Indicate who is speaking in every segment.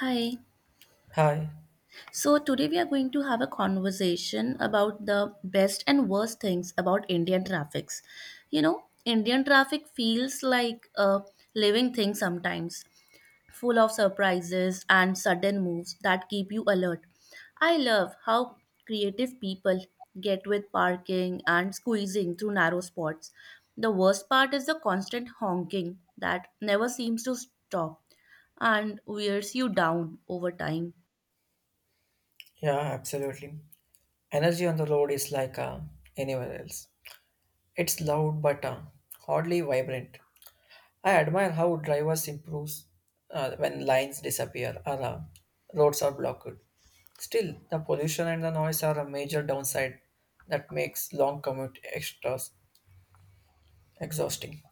Speaker 1: Hi.
Speaker 2: Hi.
Speaker 1: So today we are going to have a conversation about the best and worst things about Indian traffics. You know, Indian traffic feels like a living thing sometimes, full of surprises and sudden moves that keep you alert. I love how creative people get with parking and squeezing through narrow spots. The worst part is the constant honking that never seems to stop and wears you down over time.
Speaker 2: Yeah, absolutely. Energy on the road is like anywhere else. It's loud but hardly vibrant. I admire how drivers improve when lines disappear or roads are blocked. Still, the pollution and the noise are a major downside that makes long commute extras exhausting.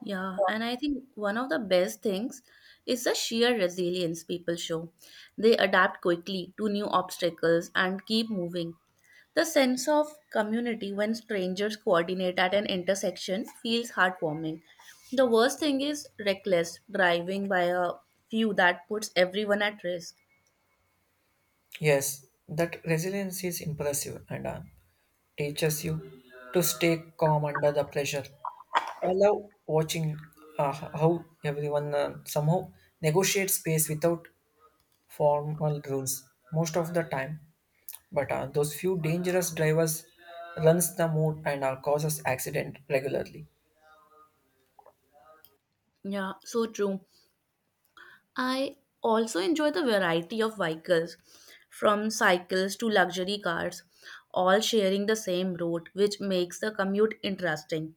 Speaker 1: Yeah, and I think one of the best things is the sheer resilience people show. They adapt quickly to new obstacles and keep moving. The sense of community when strangers coordinate at an intersection feels heartwarming. The worst thing is reckless driving by a few that puts everyone at risk.
Speaker 2: Yes, that resilience is impressive and teaches you to stay calm under the pressure. I love watching how everyone somehow negotiates space without formal rules most of the time. But those few dangerous drivers runs the mood and causes accident regularly.
Speaker 1: Yeah, so true. I also enjoy the variety of vehicles, from cycles to luxury cars, all sharing the same route, which makes the commute interesting.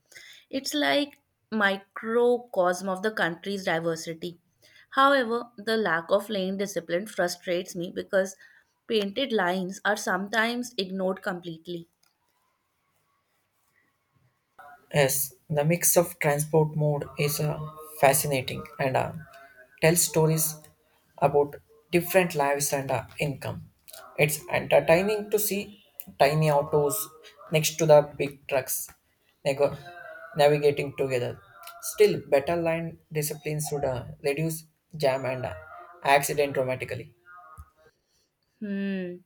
Speaker 1: It's like microcosm of the country's diversity. However, the lack of lane discipline frustrates me because painted lines are sometimes ignored completely.
Speaker 2: Yes, the mix of transport mode is fascinating and tells stories about different lives and income. It's entertaining to see tiny autos next to the big trucks nego- navigating together. Still, better line discipline should reduce jam and accident dramatically.
Speaker 1: Hmm.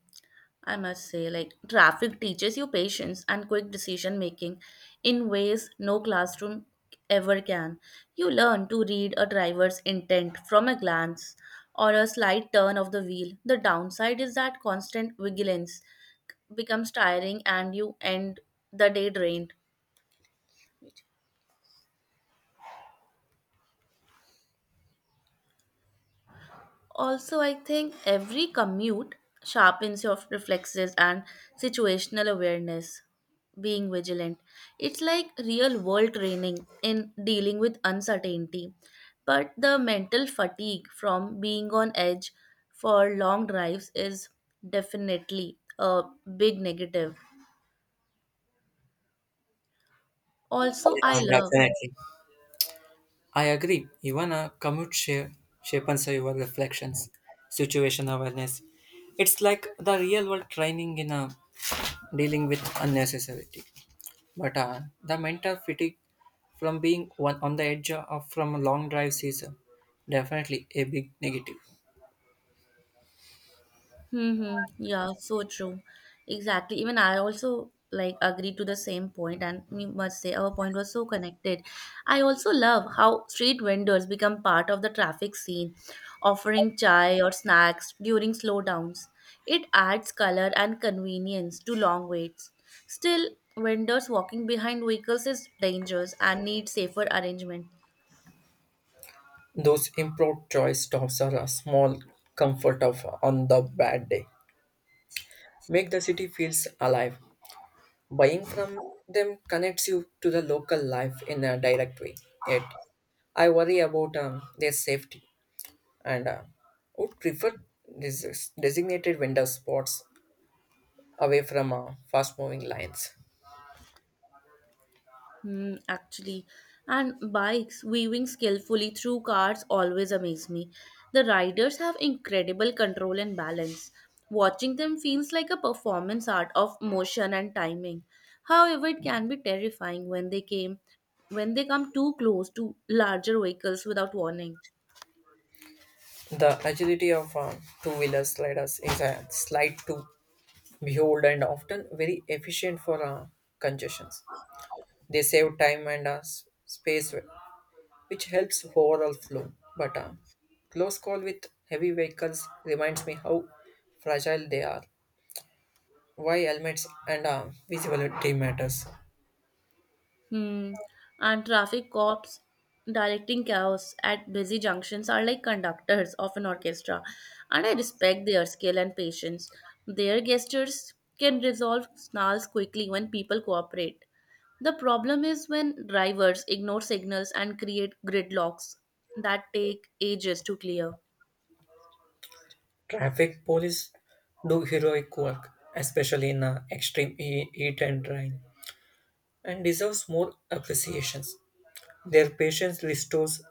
Speaker 1: I must say, like, traffic teaches you patience and quick decision making in ways no classroom ever can. You learn to read a driver's intent from a glance or a slight turn of the wheel. The downside is that constant vigilance becomes tiring and you end the day drained. Also, I think every commute sharpens your reflexes and situational awareness, being vigilant. It's like real world training in dealing with uncertainty. But the mental fatigue from being on edge for long drives is definitely a big negative. Also, I
Speaker 2: Yeah,
Speaker 1: love.
Speaker 2: definitely. I agree. Even a commute share sharpens your reflections, situation awareness. It's like the real world training in a dealing with unnecessarity. But the mental fatigue from being one on the edge of from a long drives is definitely a big negative.
Speaker 1: Mm-hmm. Yeah, so true. Exactly. Even I also like agree to the same point, and we must say our point was so connected. I also love how street vendors become part of the traffic scene, offering chai or snacks during slowdowns. It adds color and convenience to long waits. Still, vendors walking behind vehicles is dangerous and need safer arrangement.
Speaker 2: Those improved joy stops are a small comfort of on the bad day. Make the city feels alive. Buying from them connects you to the local life in a direct way. Yet, I worry about their safety and would prefer des- designated vendor spots away from fast moving lines.
Speaker 1: Hmm, actually, and bikes weaving skillfully through cars always amaze me. The riders have incredible control and balance. Watching them feels like a performance art of motion and timing. However, it can be terrifying when they came when they come too close to larger vehicles without warning.
Speaker 2: The agility of two wheeler sliders is a slight to behold and often very efficient for congestions. They save time and space which helps overall flow. But a close call with heavy vehicles reminds me how fragile they are, why helmets and visibility matters.
Speaker 1: Hmm. And traffic cops directing chaos at busy junctions are like conductors of an orchestra, and I respect their skill and patience. Their gestures can resolve snarls quickly when people cooperate. The problem is when drivers ignore signals and create gridlocks that take ages to clear.
Speaker 2: Traffic police do heroic work, especially in extreme heat and rain, and deserves more appreciations. Their patience restores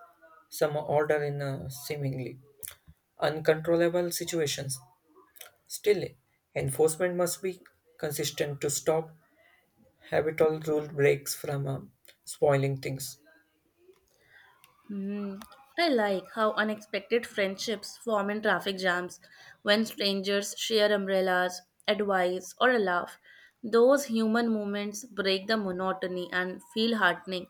Speaker 2: some order in seemingly uncontrollable situations. Still, enforcement must be consistent to stop habitual rule breaks from spoiling things.
Speaker 1: Hmm. I like how unexpected friendships form in traffic jams when strangers share umbrellas, advice, or a laugh. Those human moments break the monotony and feel heartening.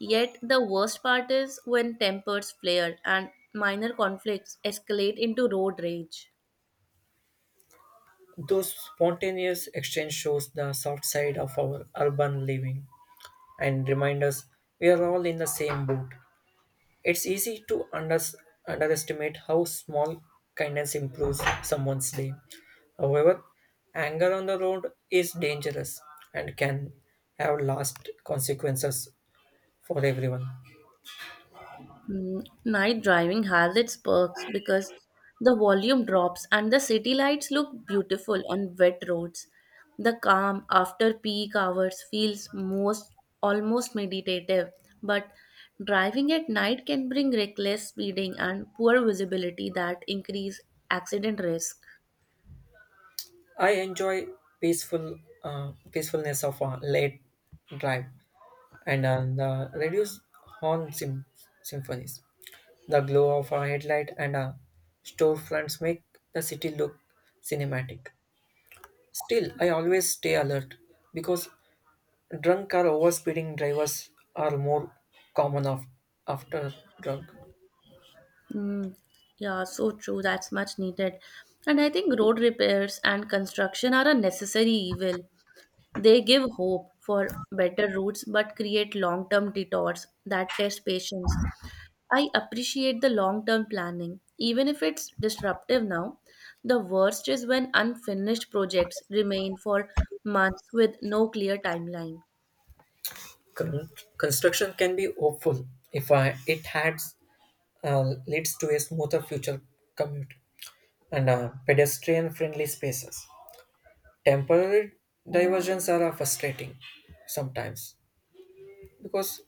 Speaker 1: Yet the worst part is when tempers flare and minor conflicts escalate into road rage.
Speaker 2: Those spontaneous exchange shows the soft side of our urban living and remind us we are all in the same boat. It's easy to underestimate how small kindness improves someone's day. However, anger on the road is dangerous and can have last consequences for everyone.
Speaker 1: Mm, night driving has its perks because the volume drops and the city lights look beautiful on wet roads. The calm after peak hours feels most almost meditative, but driving at night can bring reckless speeding and poor visibility that increase accident risk.
Speaker 2: I enjoy peacefulness of a late drive and the reduced horn sym- symphonies. The glow of a headlight and a storefronts make the city look cinematic. Still, I always stay alert because drunk or overspeeding drivers are more common of, after drunk.
Speaker 1: Mm, yeah, so true. That's much needed. And I think road repairs and construction are a necessary evil. They give hope for better routes but create long term detours that test patience. I appreciate the long term planning. Even if it's disruptive now, the worst is when unfinished projects remain for months with no clear timeline.
Speaker 2: Con- Construction can be hopeful if it adds leads to a smoother future commute and pedestrian friendly spaces. Temporary diversions are frustrating sometimes because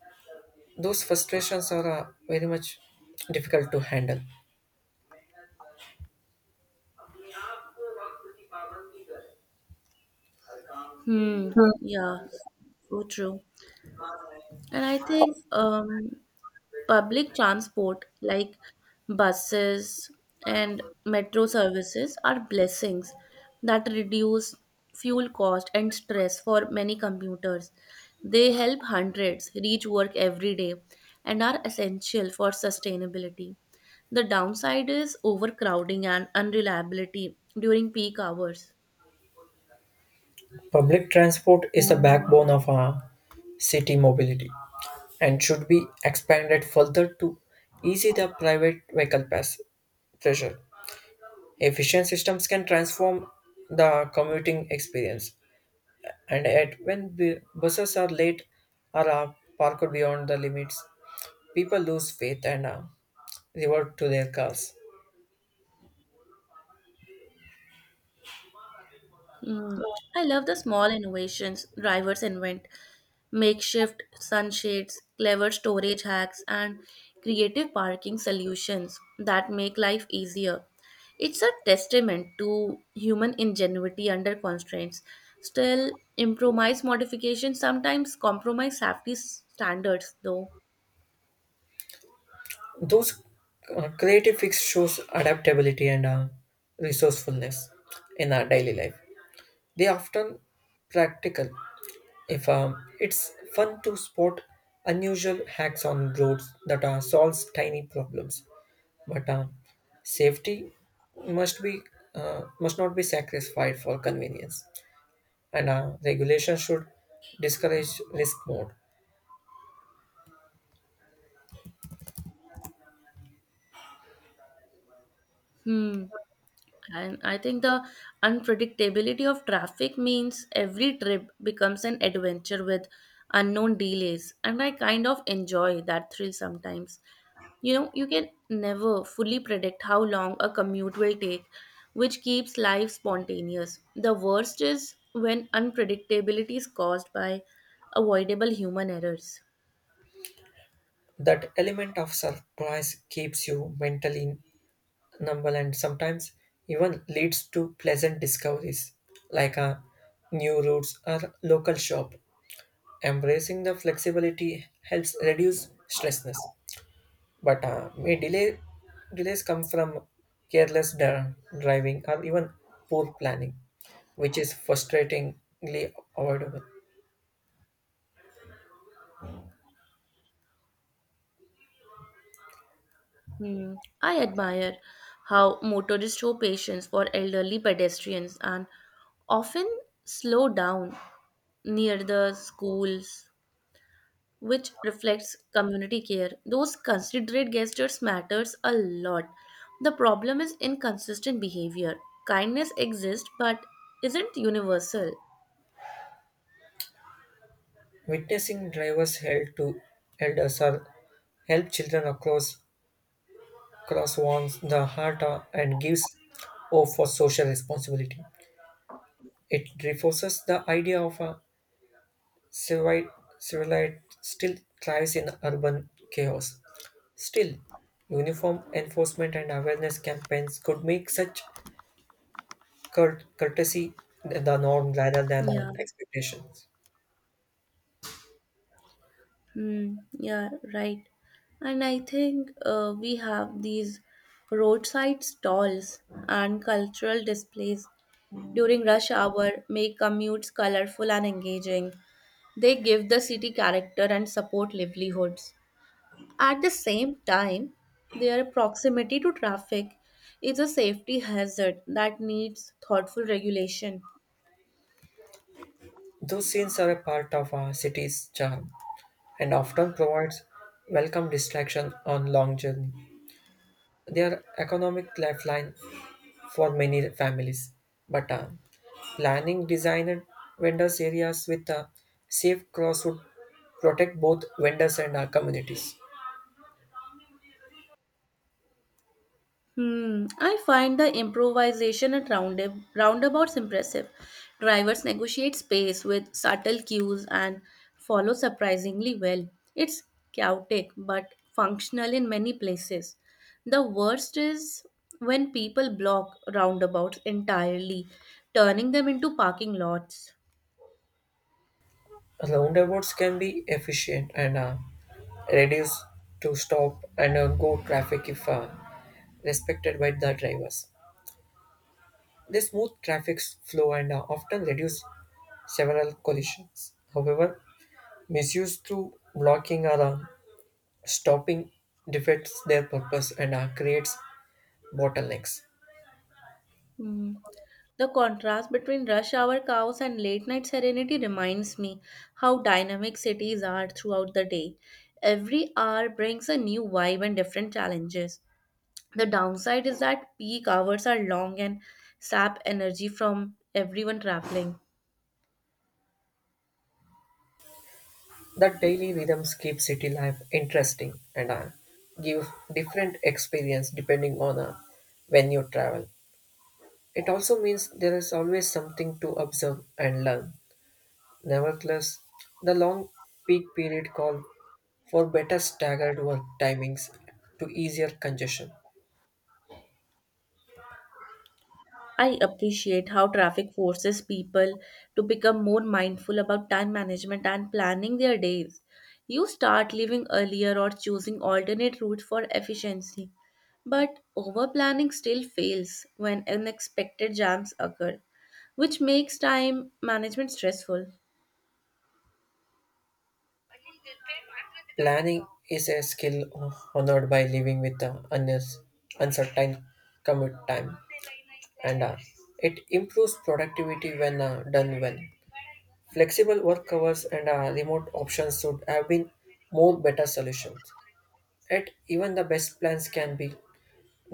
Speaker 2: those frustrations are very much difficult to handle.
Speaker 1: Hmm, yeah, so true. And I think public transport like buses and metro services are blessings that reduce fuel cost and stress for many commuters. They help hundreds reach work every day and are essential for sustainability. The downside is overcrowding and unreliability during peak hours.
Speaker 2: Public transport is the backbone of city mobility and should be expanded further to ease the private vehicle pass pressure. Efficient systems can transform the commuting experience. And at when buses are late or are parked beyond the limits, people lose faith and revert to their cause.
Speaker 1: Mm. I love the small innovations drivers invent, makeshift sunshades, clever storage hacks, and creative parking solutions that make life easier. It's a testament to human ingenuity under constraints. Still, improvise modifications sometimes compromise safety standards, though.
Speaker 2: Those creative fix shows adaptability and resourcefulness in our daily life. They often practical. If it's fun to spot unusual hacks on roads that solves tiny problems, but safety must be must not be sacrificed for convenience, and regulation should discourage risk mode.
Speaker 1: Hmm. And I think the unpredictability of traffic means every trip becomes an adventure with unknown delays. And I kind of enjoy that thrill sometimes. You know, you can never fully predict how long a commute will take, which keeps life spontaneous. The worst is when unpredictability is caused by avoidable human errors.
Speaker 2: That element of surprise keeps you mentally numb and sometimes even leads to pleasant discoveries like a new routes or local shop. Embracing the flexibility helps reduce stressness, but may delay delays come from careless driving or even poor planning, which is frustratingly avoidable.
Speaker 1: Hmm. I admire how motorists show patience for elderly pedestrians and often slow down near the schools, which reflects community care. Those considerate gestures matters a lot. The problem is inconsistent behavior. Kindness exists but isn't universal.
Speaker 2: Witnessing drivers held to elders or help children across cross warms the heart and gives hope for social responsibility. It reinforces the idea of a civili- civilized still thrives in urban chaos. Still, uniform enforcement and awareness campaigns could make such courtesy the norm rather than
Speaker 1: Yeah.
Speaker 2: an expectation.
Speaker 1: Hmm, yeah, right. And I think we have these roadside stalls and cultural displays during rush hour make commutes colorful and engaging. They give the city character and support livelihoods. At the same time, their proximity to traffic is a safety hazard that needs thoughtful regulation.
Speaker 2: Those scenes are a part of our city's charm and often provides welcome distraction on long journey. They are economic lifeline for many families. But planning designer vendors areas with safe cross would protect both vendors and communities.
Speaker 1: Hmm, I find the improvisation at roundabouts impressive. Drivers negotiate space with subtle cues and follow surprisingly well. It's chaotic but functional in many places. The worst is when people block roundabouts entirely, turning them into parking lots.
Speaker 2: Roundabouts can be efficient and reduce to stop and go traffic if respected by the drivers. They smooth traffic flow and often reduce several collisions. However, misuse through blocking or stopping defeats their purpose and creates bottlenecks.
Speaker 1: Hmm. The contrast between rush hour chaos and late night serenity reminds me how dynamic cities are throughout the day. Every hour brings a new vibe and different challenges. The downside is that peak hours are long and sap energy from everyone traveling.
Speaker 2: That daily rhythms keep city life interesting and give different experience depending on when you travel. It also means there is always something to observe and learn. Nevertheless, the long peak period called for better staggered work timings to easier congestion.
Speaker 1: I appreciate how traffic forces people to become more mindful about time management and planning their days. You start leaving earlier or choosing alternate routes for efficiency. But over planning still fails when unexpected jams occur, which makes time management stressful.
Speaker 2: Planning is a skill honored by living with the uncertain commute time, and it improves productivity when done well. Flexible work hours and remote options should have been more better solutions. Yet, even the best plans can be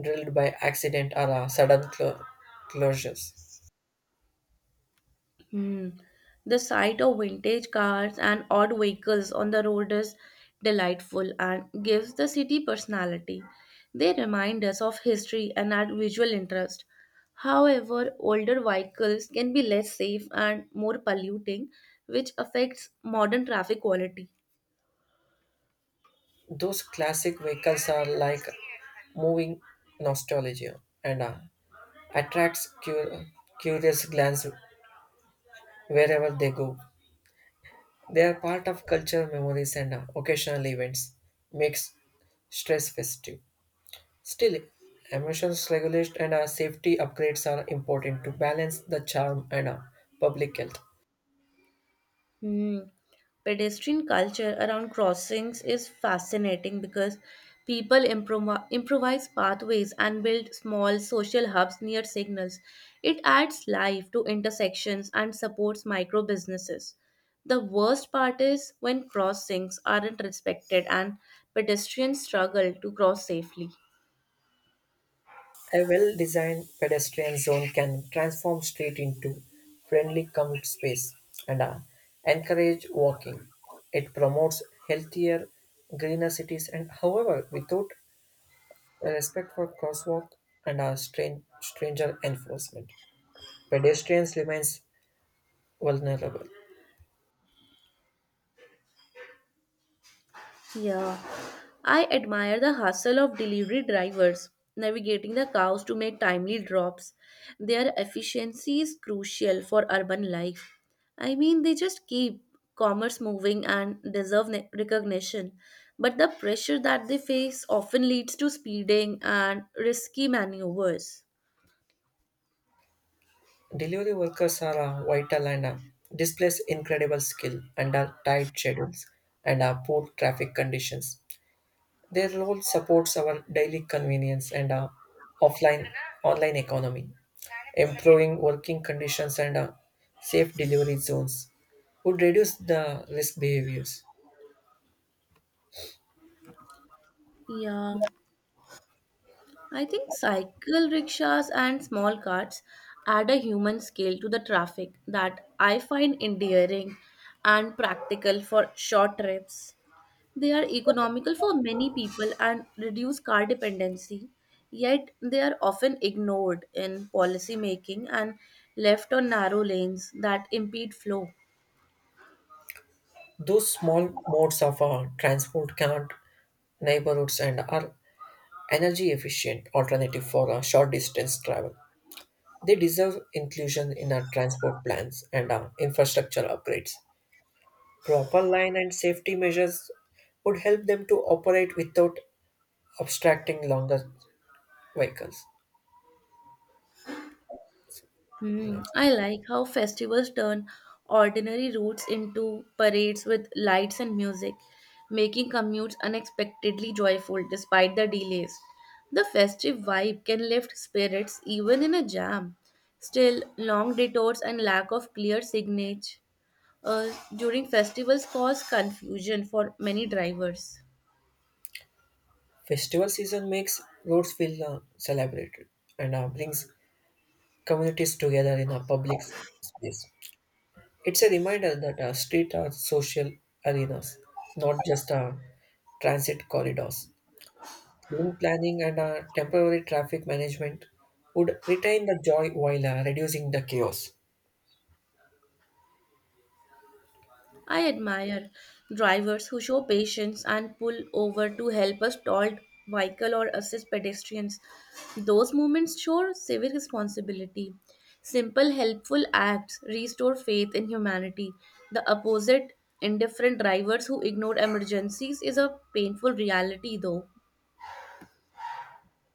Speaker 2: drilled by accident or sudden closures.
Speaker 1: Hmm. The sight of vintage cars and odd vehicles on the road is delightful and gives the city personality. They remind us of history and add visual interest. However, older vehicles can be less safe and more polluting, which affects modern traffic quality.
Speaker 2: Those classic vehicles are like moving nostalgia and attracts curious glance wherever they go. They are part of culture, memories, and occasional events. Makes stress festive. Still, emissions regulation and safety upgrades are important to balance the charm and public health.
Speaker 1: Hmm. Pedestrian culture around crossings is fascinating because people improvise pathways and build small social hubs near signals. It adds life to intersections and supports micro businesses. The worst part is when crossings aren't respected and pedestrians struggle to cross safely.
Speaker 2: A well designed pedestrian zone can transform street into friendly commute space and encourage walking. It promotes healthier, greener cities and, however, without respect for crosswalk and stranger enforcement, pedestrians remains vulnerable.
Speaker 1: Yeah, I admire the hustle of delivery drivers navigating the cows to make timely drops. Their efficiency is crucial for urban life. I mean, they just keep commerce moving and deserve recognition. But the pressure that they face often leads to speeding and risky maneuvers.
Speaker 2: Delivery workers are vital and displays incredible skill under tight schedules and poor traffic conditions. Their role supports our daily convenience and offline online economy, improving working conditions and safe delivery zones would reduce the risk behaviors.
Speaker 1: Yeah. I think cycle rickshaws and small carts add a human scale to the traffic that I find endearing and practical for short trips. They are economical for many people and reduce car dependency, yet they are often ignored in policy making and left on narrow lanes that impede flow.
Speaker 2: Those small modes of transport connect neighborhoods and are energy efficient alternative for short distance travel. They deserve inclusion in our transport plans and our infrastructure upgrades. Proper line and safety measures would help them to operate without obstructing longer vehicles.
Speaker 1: Hmm,
Speaker 2: Lanes.
Speaker 1: I like how festivals turn ordinary routes into parades with lights and music, making commutes unexpectedly joyful despite the delays. The festive vibe can lift spirits even in a jam. Still, long detours and lack of clear signage uh, during festivals cause confusion for many drivers.
Speaker 2: Festival season makes roads feel celebrated and brings communities together in a public space. It's a reminder that streets are social arenas, not just transit corridors. Lane planning and temporary traffic management would retain the joy while reducing the chaos.
Speaker 1: I admire drivers who show patience and pull over to help a stalled vehicle or assist pedestrians. Those moments show civic responsibility. Simple, helpful acts restore faith in humanity. The opposite, indifferent drivers who ignore emergencies, is a painful reality, though.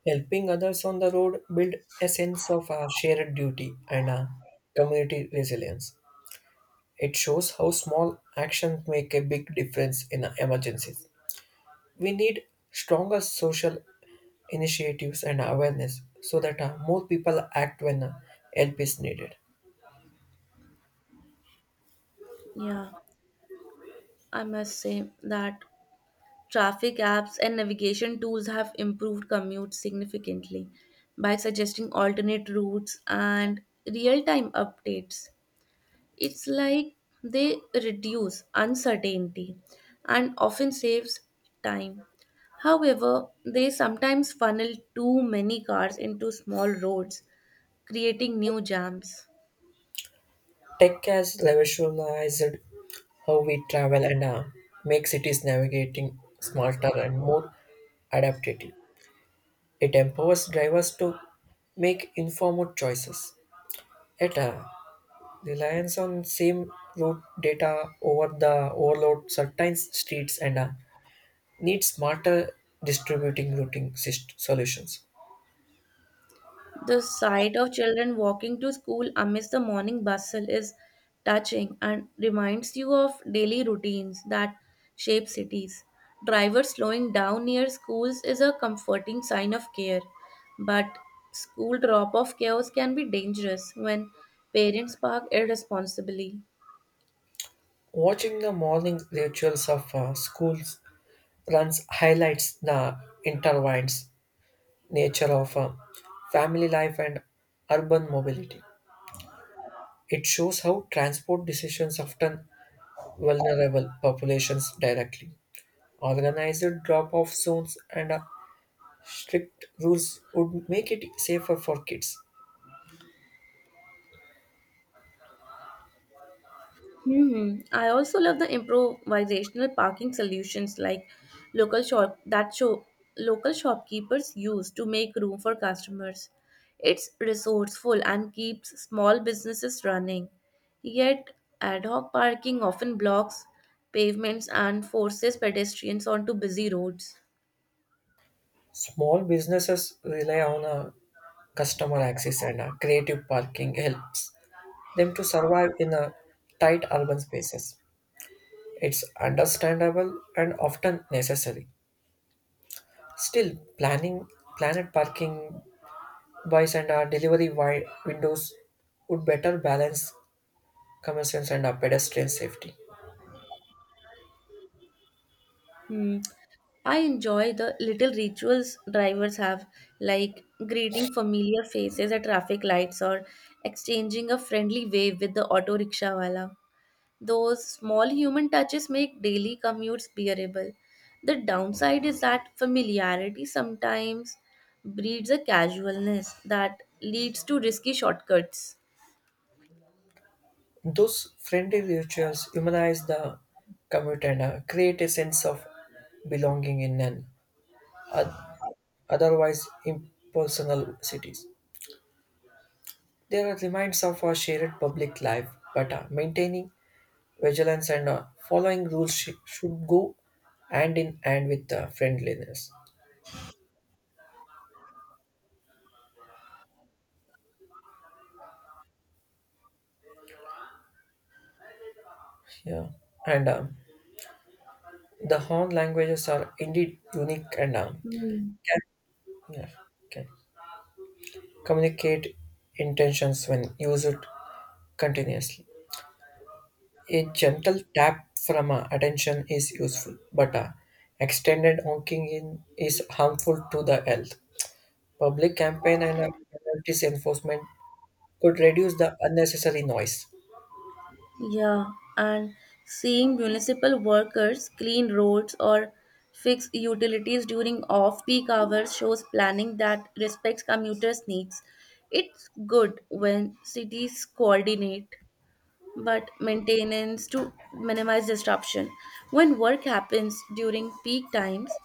Speaker 2: Helping others on the road build a sense of shared duty and community resilience. It shows how small actions make a big difference in emergencies. We need stronger social initiatives and awareness so that more people act when help is needed.
Speaker 1: Yeah, I must say that traffic apps and navigation tools have improved commutes significantly by suggesting alternate routes and real time updates. It's like they reduce uncertainty and often saves time. However, they sometimes funnel too many cars into small roads, creating new jams.
Speaker 2: Tech has revolutionized how we travel and make cities navigating smarter and more adaptive. It empowers drivers to make informed choices. Yet, reliance on same route data over the overload certain streets and needs smarter distributing routing solutions.
Speaker 1: The sight of children walking to school amidst the morning bustle is touching and reminds you of daily routines that shape cities. Drivers slowing down near schools is a comforting sign of care, but school drop off chaos can be dangerous when parents park irresponsibly.
Speaker 2: Watching the morning rituals of schools runs highlights the intertwined nature of family life and urban mobility. It shows how transport decisions affect vulnerable populations directly. Organized drop off zones and strict rules would make it safer for kids.
Speaker 1: Hmm, I also love the improvisational parking solutions like local shop that show local shopkeepers use to make room for customers. It's resourceful and keeps small businesses running. Yet, ad hoc parking often blocks pavements and forces pedestrians onto busy roads.
Speaker 2: Small businesses rely on customer access and creative parking helps them to survive in tight urban spaces. It's understandable and often necessary. Still, planning planet parking buys and delivery windows would better balance convenience, and pedestrian safety.
Speaker 1: Hmm. I enjoy the little rituals drivers have, like greeting familiar faces at traffic lights or exchanging a friendly wave with the auto rickshaw wala. Those small human touches make daily commutes bearable. The downside is that familiarity sometimes breeds a casualness that leads to risky shortcuts.
Speaker 2: Those friendly rituals humanize the commute and create a sense of belonging in an oth- otherwise impersonal cities. They are reminders of our shared public life, but maintaining vigilance and following rules should go hand in hand with friendliness. Yeah, and the Hon languages are indeed unique and
Speaker 1: Hmm.
Speaker 2: yeah, yeah, okay. Communicate intentions when used continuously. A gentle tap from a attention is useful, but a extended honking in is harmful to the health. Public campaign and a penalties enforcement could reduce the unnecessary noise.
Speaker 1: Yeah, and seeing municipal workers clean roads or fix utilities during off-peak hours shows planning that respects commuters' needs. It's good when cities coordinate, but maintenance to minimize disruption. When work happens during peak times,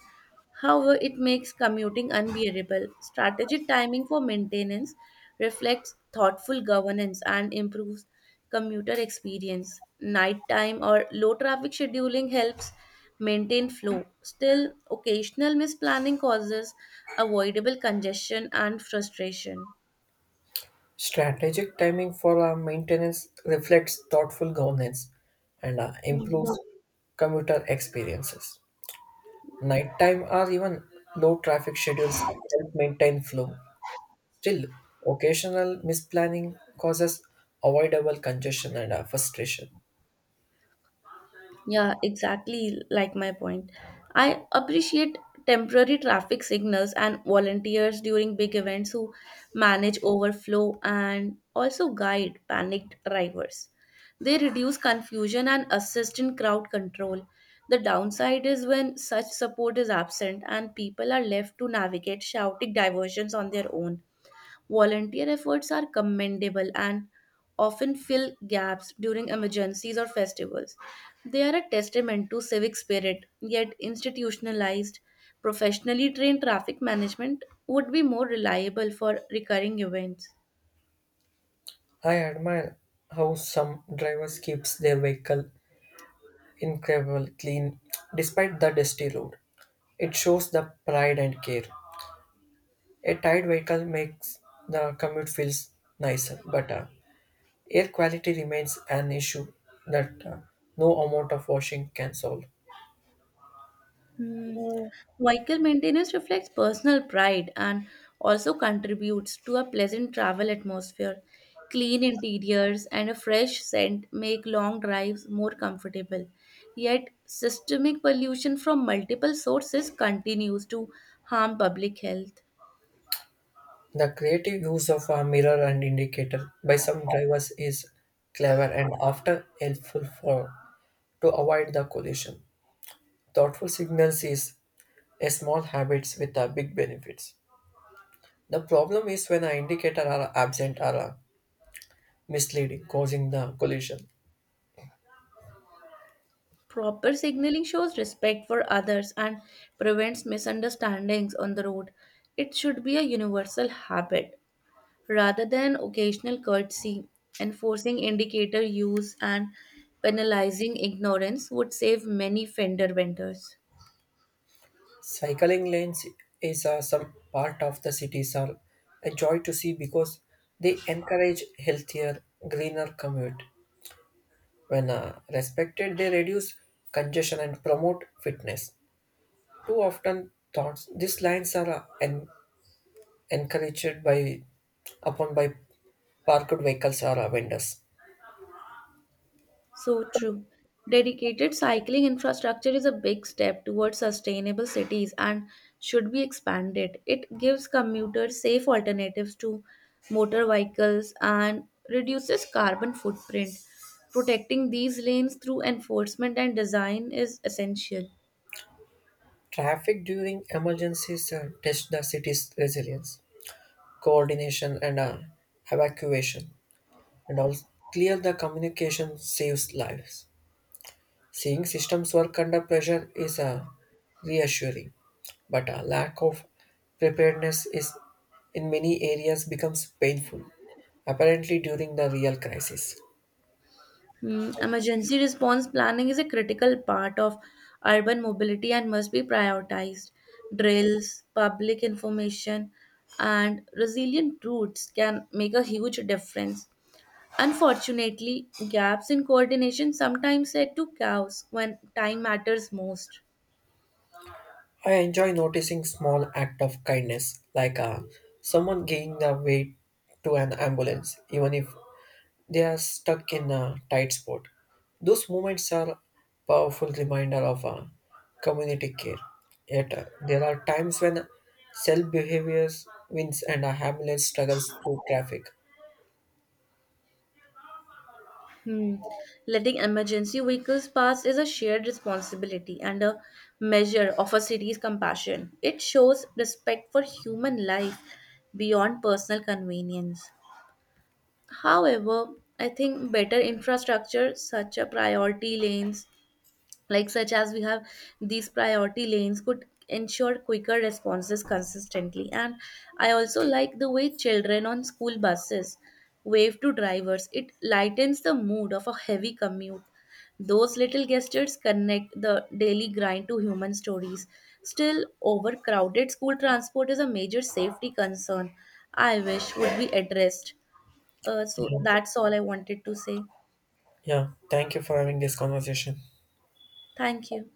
Speaker 1: however, it makes commuting unbearable. Strategic timing for maintenance reflects thoughtful governance and improves commuter experience. Nighttime or low traffic scheduling helps maintain flow. Still, occasional misplanning causes avoidable congestion and frustration.
Speaker 2: Strategic timing for our maintenance reflects thoughtful governance and improves
Speaker 1: Hmm.
Speaker 2: commuter experiences. Nighttime or even low traffic schedules help maintain flow. Still, occasional misplanning causes avoidable congestion and frustration.
Speaker 1: Yeah, exactly like my point. I appreciate temporary traffic signals and volunteers during big events who manage overflow and also guide panicked drivers. They reduce confusion and assist in crowd control. The downside is when such support is absent and people are left to navigate shouting diversions on their own. Volunteer efforts are commendable and often fill gaps during emergencies or festivals. They are a testament to civic spirit, yet, institutionalized, professionally trained traffic management would be more reliable for recurring events.
Speaker 2: I admire how some drivers keeps their vehicle incredibly clean despite the dusty road. It shows the pride and care. A tired vehicle makes the commute feels nicer, but air quality remains an issue that no amount of washing can solve.
Speaker 1: Hmm. Vehicle maintenance reflects personal pride and also contributes to a pleasant travel atmosphere. Clean interiors and a fresh scent make long drives more comfortable. Yet, systemic pollution from multiple sources continues to harm public health.
Speaker 2: The creative use of a mirror and indicator by some drivers is clever and often helpful for to avoid the collision. Thoughtful signals is a small habits with a big benefits. The problem is when the indicator are absent or misleading, causing the collision.
Speaker 1: Proper signaling shows respect for others and prevents misunderstandings on the road. It should be a universal habit, rather than occasional courtesy. Enforcing indicator use and penalizing ignorance would save many fender vendors.
Speaker 2: Cycling lanes is some part of the cities are a joy to see because they encourage healthier, greener commute. When respected, they reduce congestion and promote fitness. Too often, thoughts these lines are encouraged by upon by parked vehicles or vendors.
Speaker 1: So true. Dedicated cycling infrastructure is a big step towards sustainable cities and should be expanded. It gives commuters safe alternatives to motor vehicles and reduces carbon footprint. Protecting these lanes through enforcement and design is essential.
Speaker 2: Traffic during emergencies test the city's resilience, coordination, and evacuation, and also clear the communication saves lives. Seeing systems work under pressure is reassuring, but a lack of preparedness is in many areas becomes painful, apparently during the real crisis.
Speaker 1: Mm, emergency response planning is a critical part of urban mobility and must be prioritized. Drills, public information, and resilient routes can make a huge difference. Unfortunately, gaps in coordination sometimes lead to chaos when time matters most.
Speaker 2: I enjoy noticing small act of kindness, like someone giving the way to an ambulance, even if they are stuck in a tight spot. Those moments are powerful reminder of community care. Yet there are times when self behaviors wins and a ambulance struggles through traffic.
Speaker 1: Hmm. Letting emergency vehicles pass is a shared responsibility and a measure of a city's compassion. It shows respect for human life beyond personal convenience. However, I think better infrastructure, such as priority lanes, such as we have these priority lanes, could ensure quicker responses consistently. And I also like the way children on school buses wave to drivers. It lightens the mood of a heavy commute. Those little gestures connect the daily grind to human stories. Still, overcrowded school transport is a major safety concern I wish would be addressed. So
Speaker 2: Yeah,
Speaker 1: that's all I wanted to say.
Speaker 2: yeah, thank you for having this conversation.
Speaker 1: Thank you.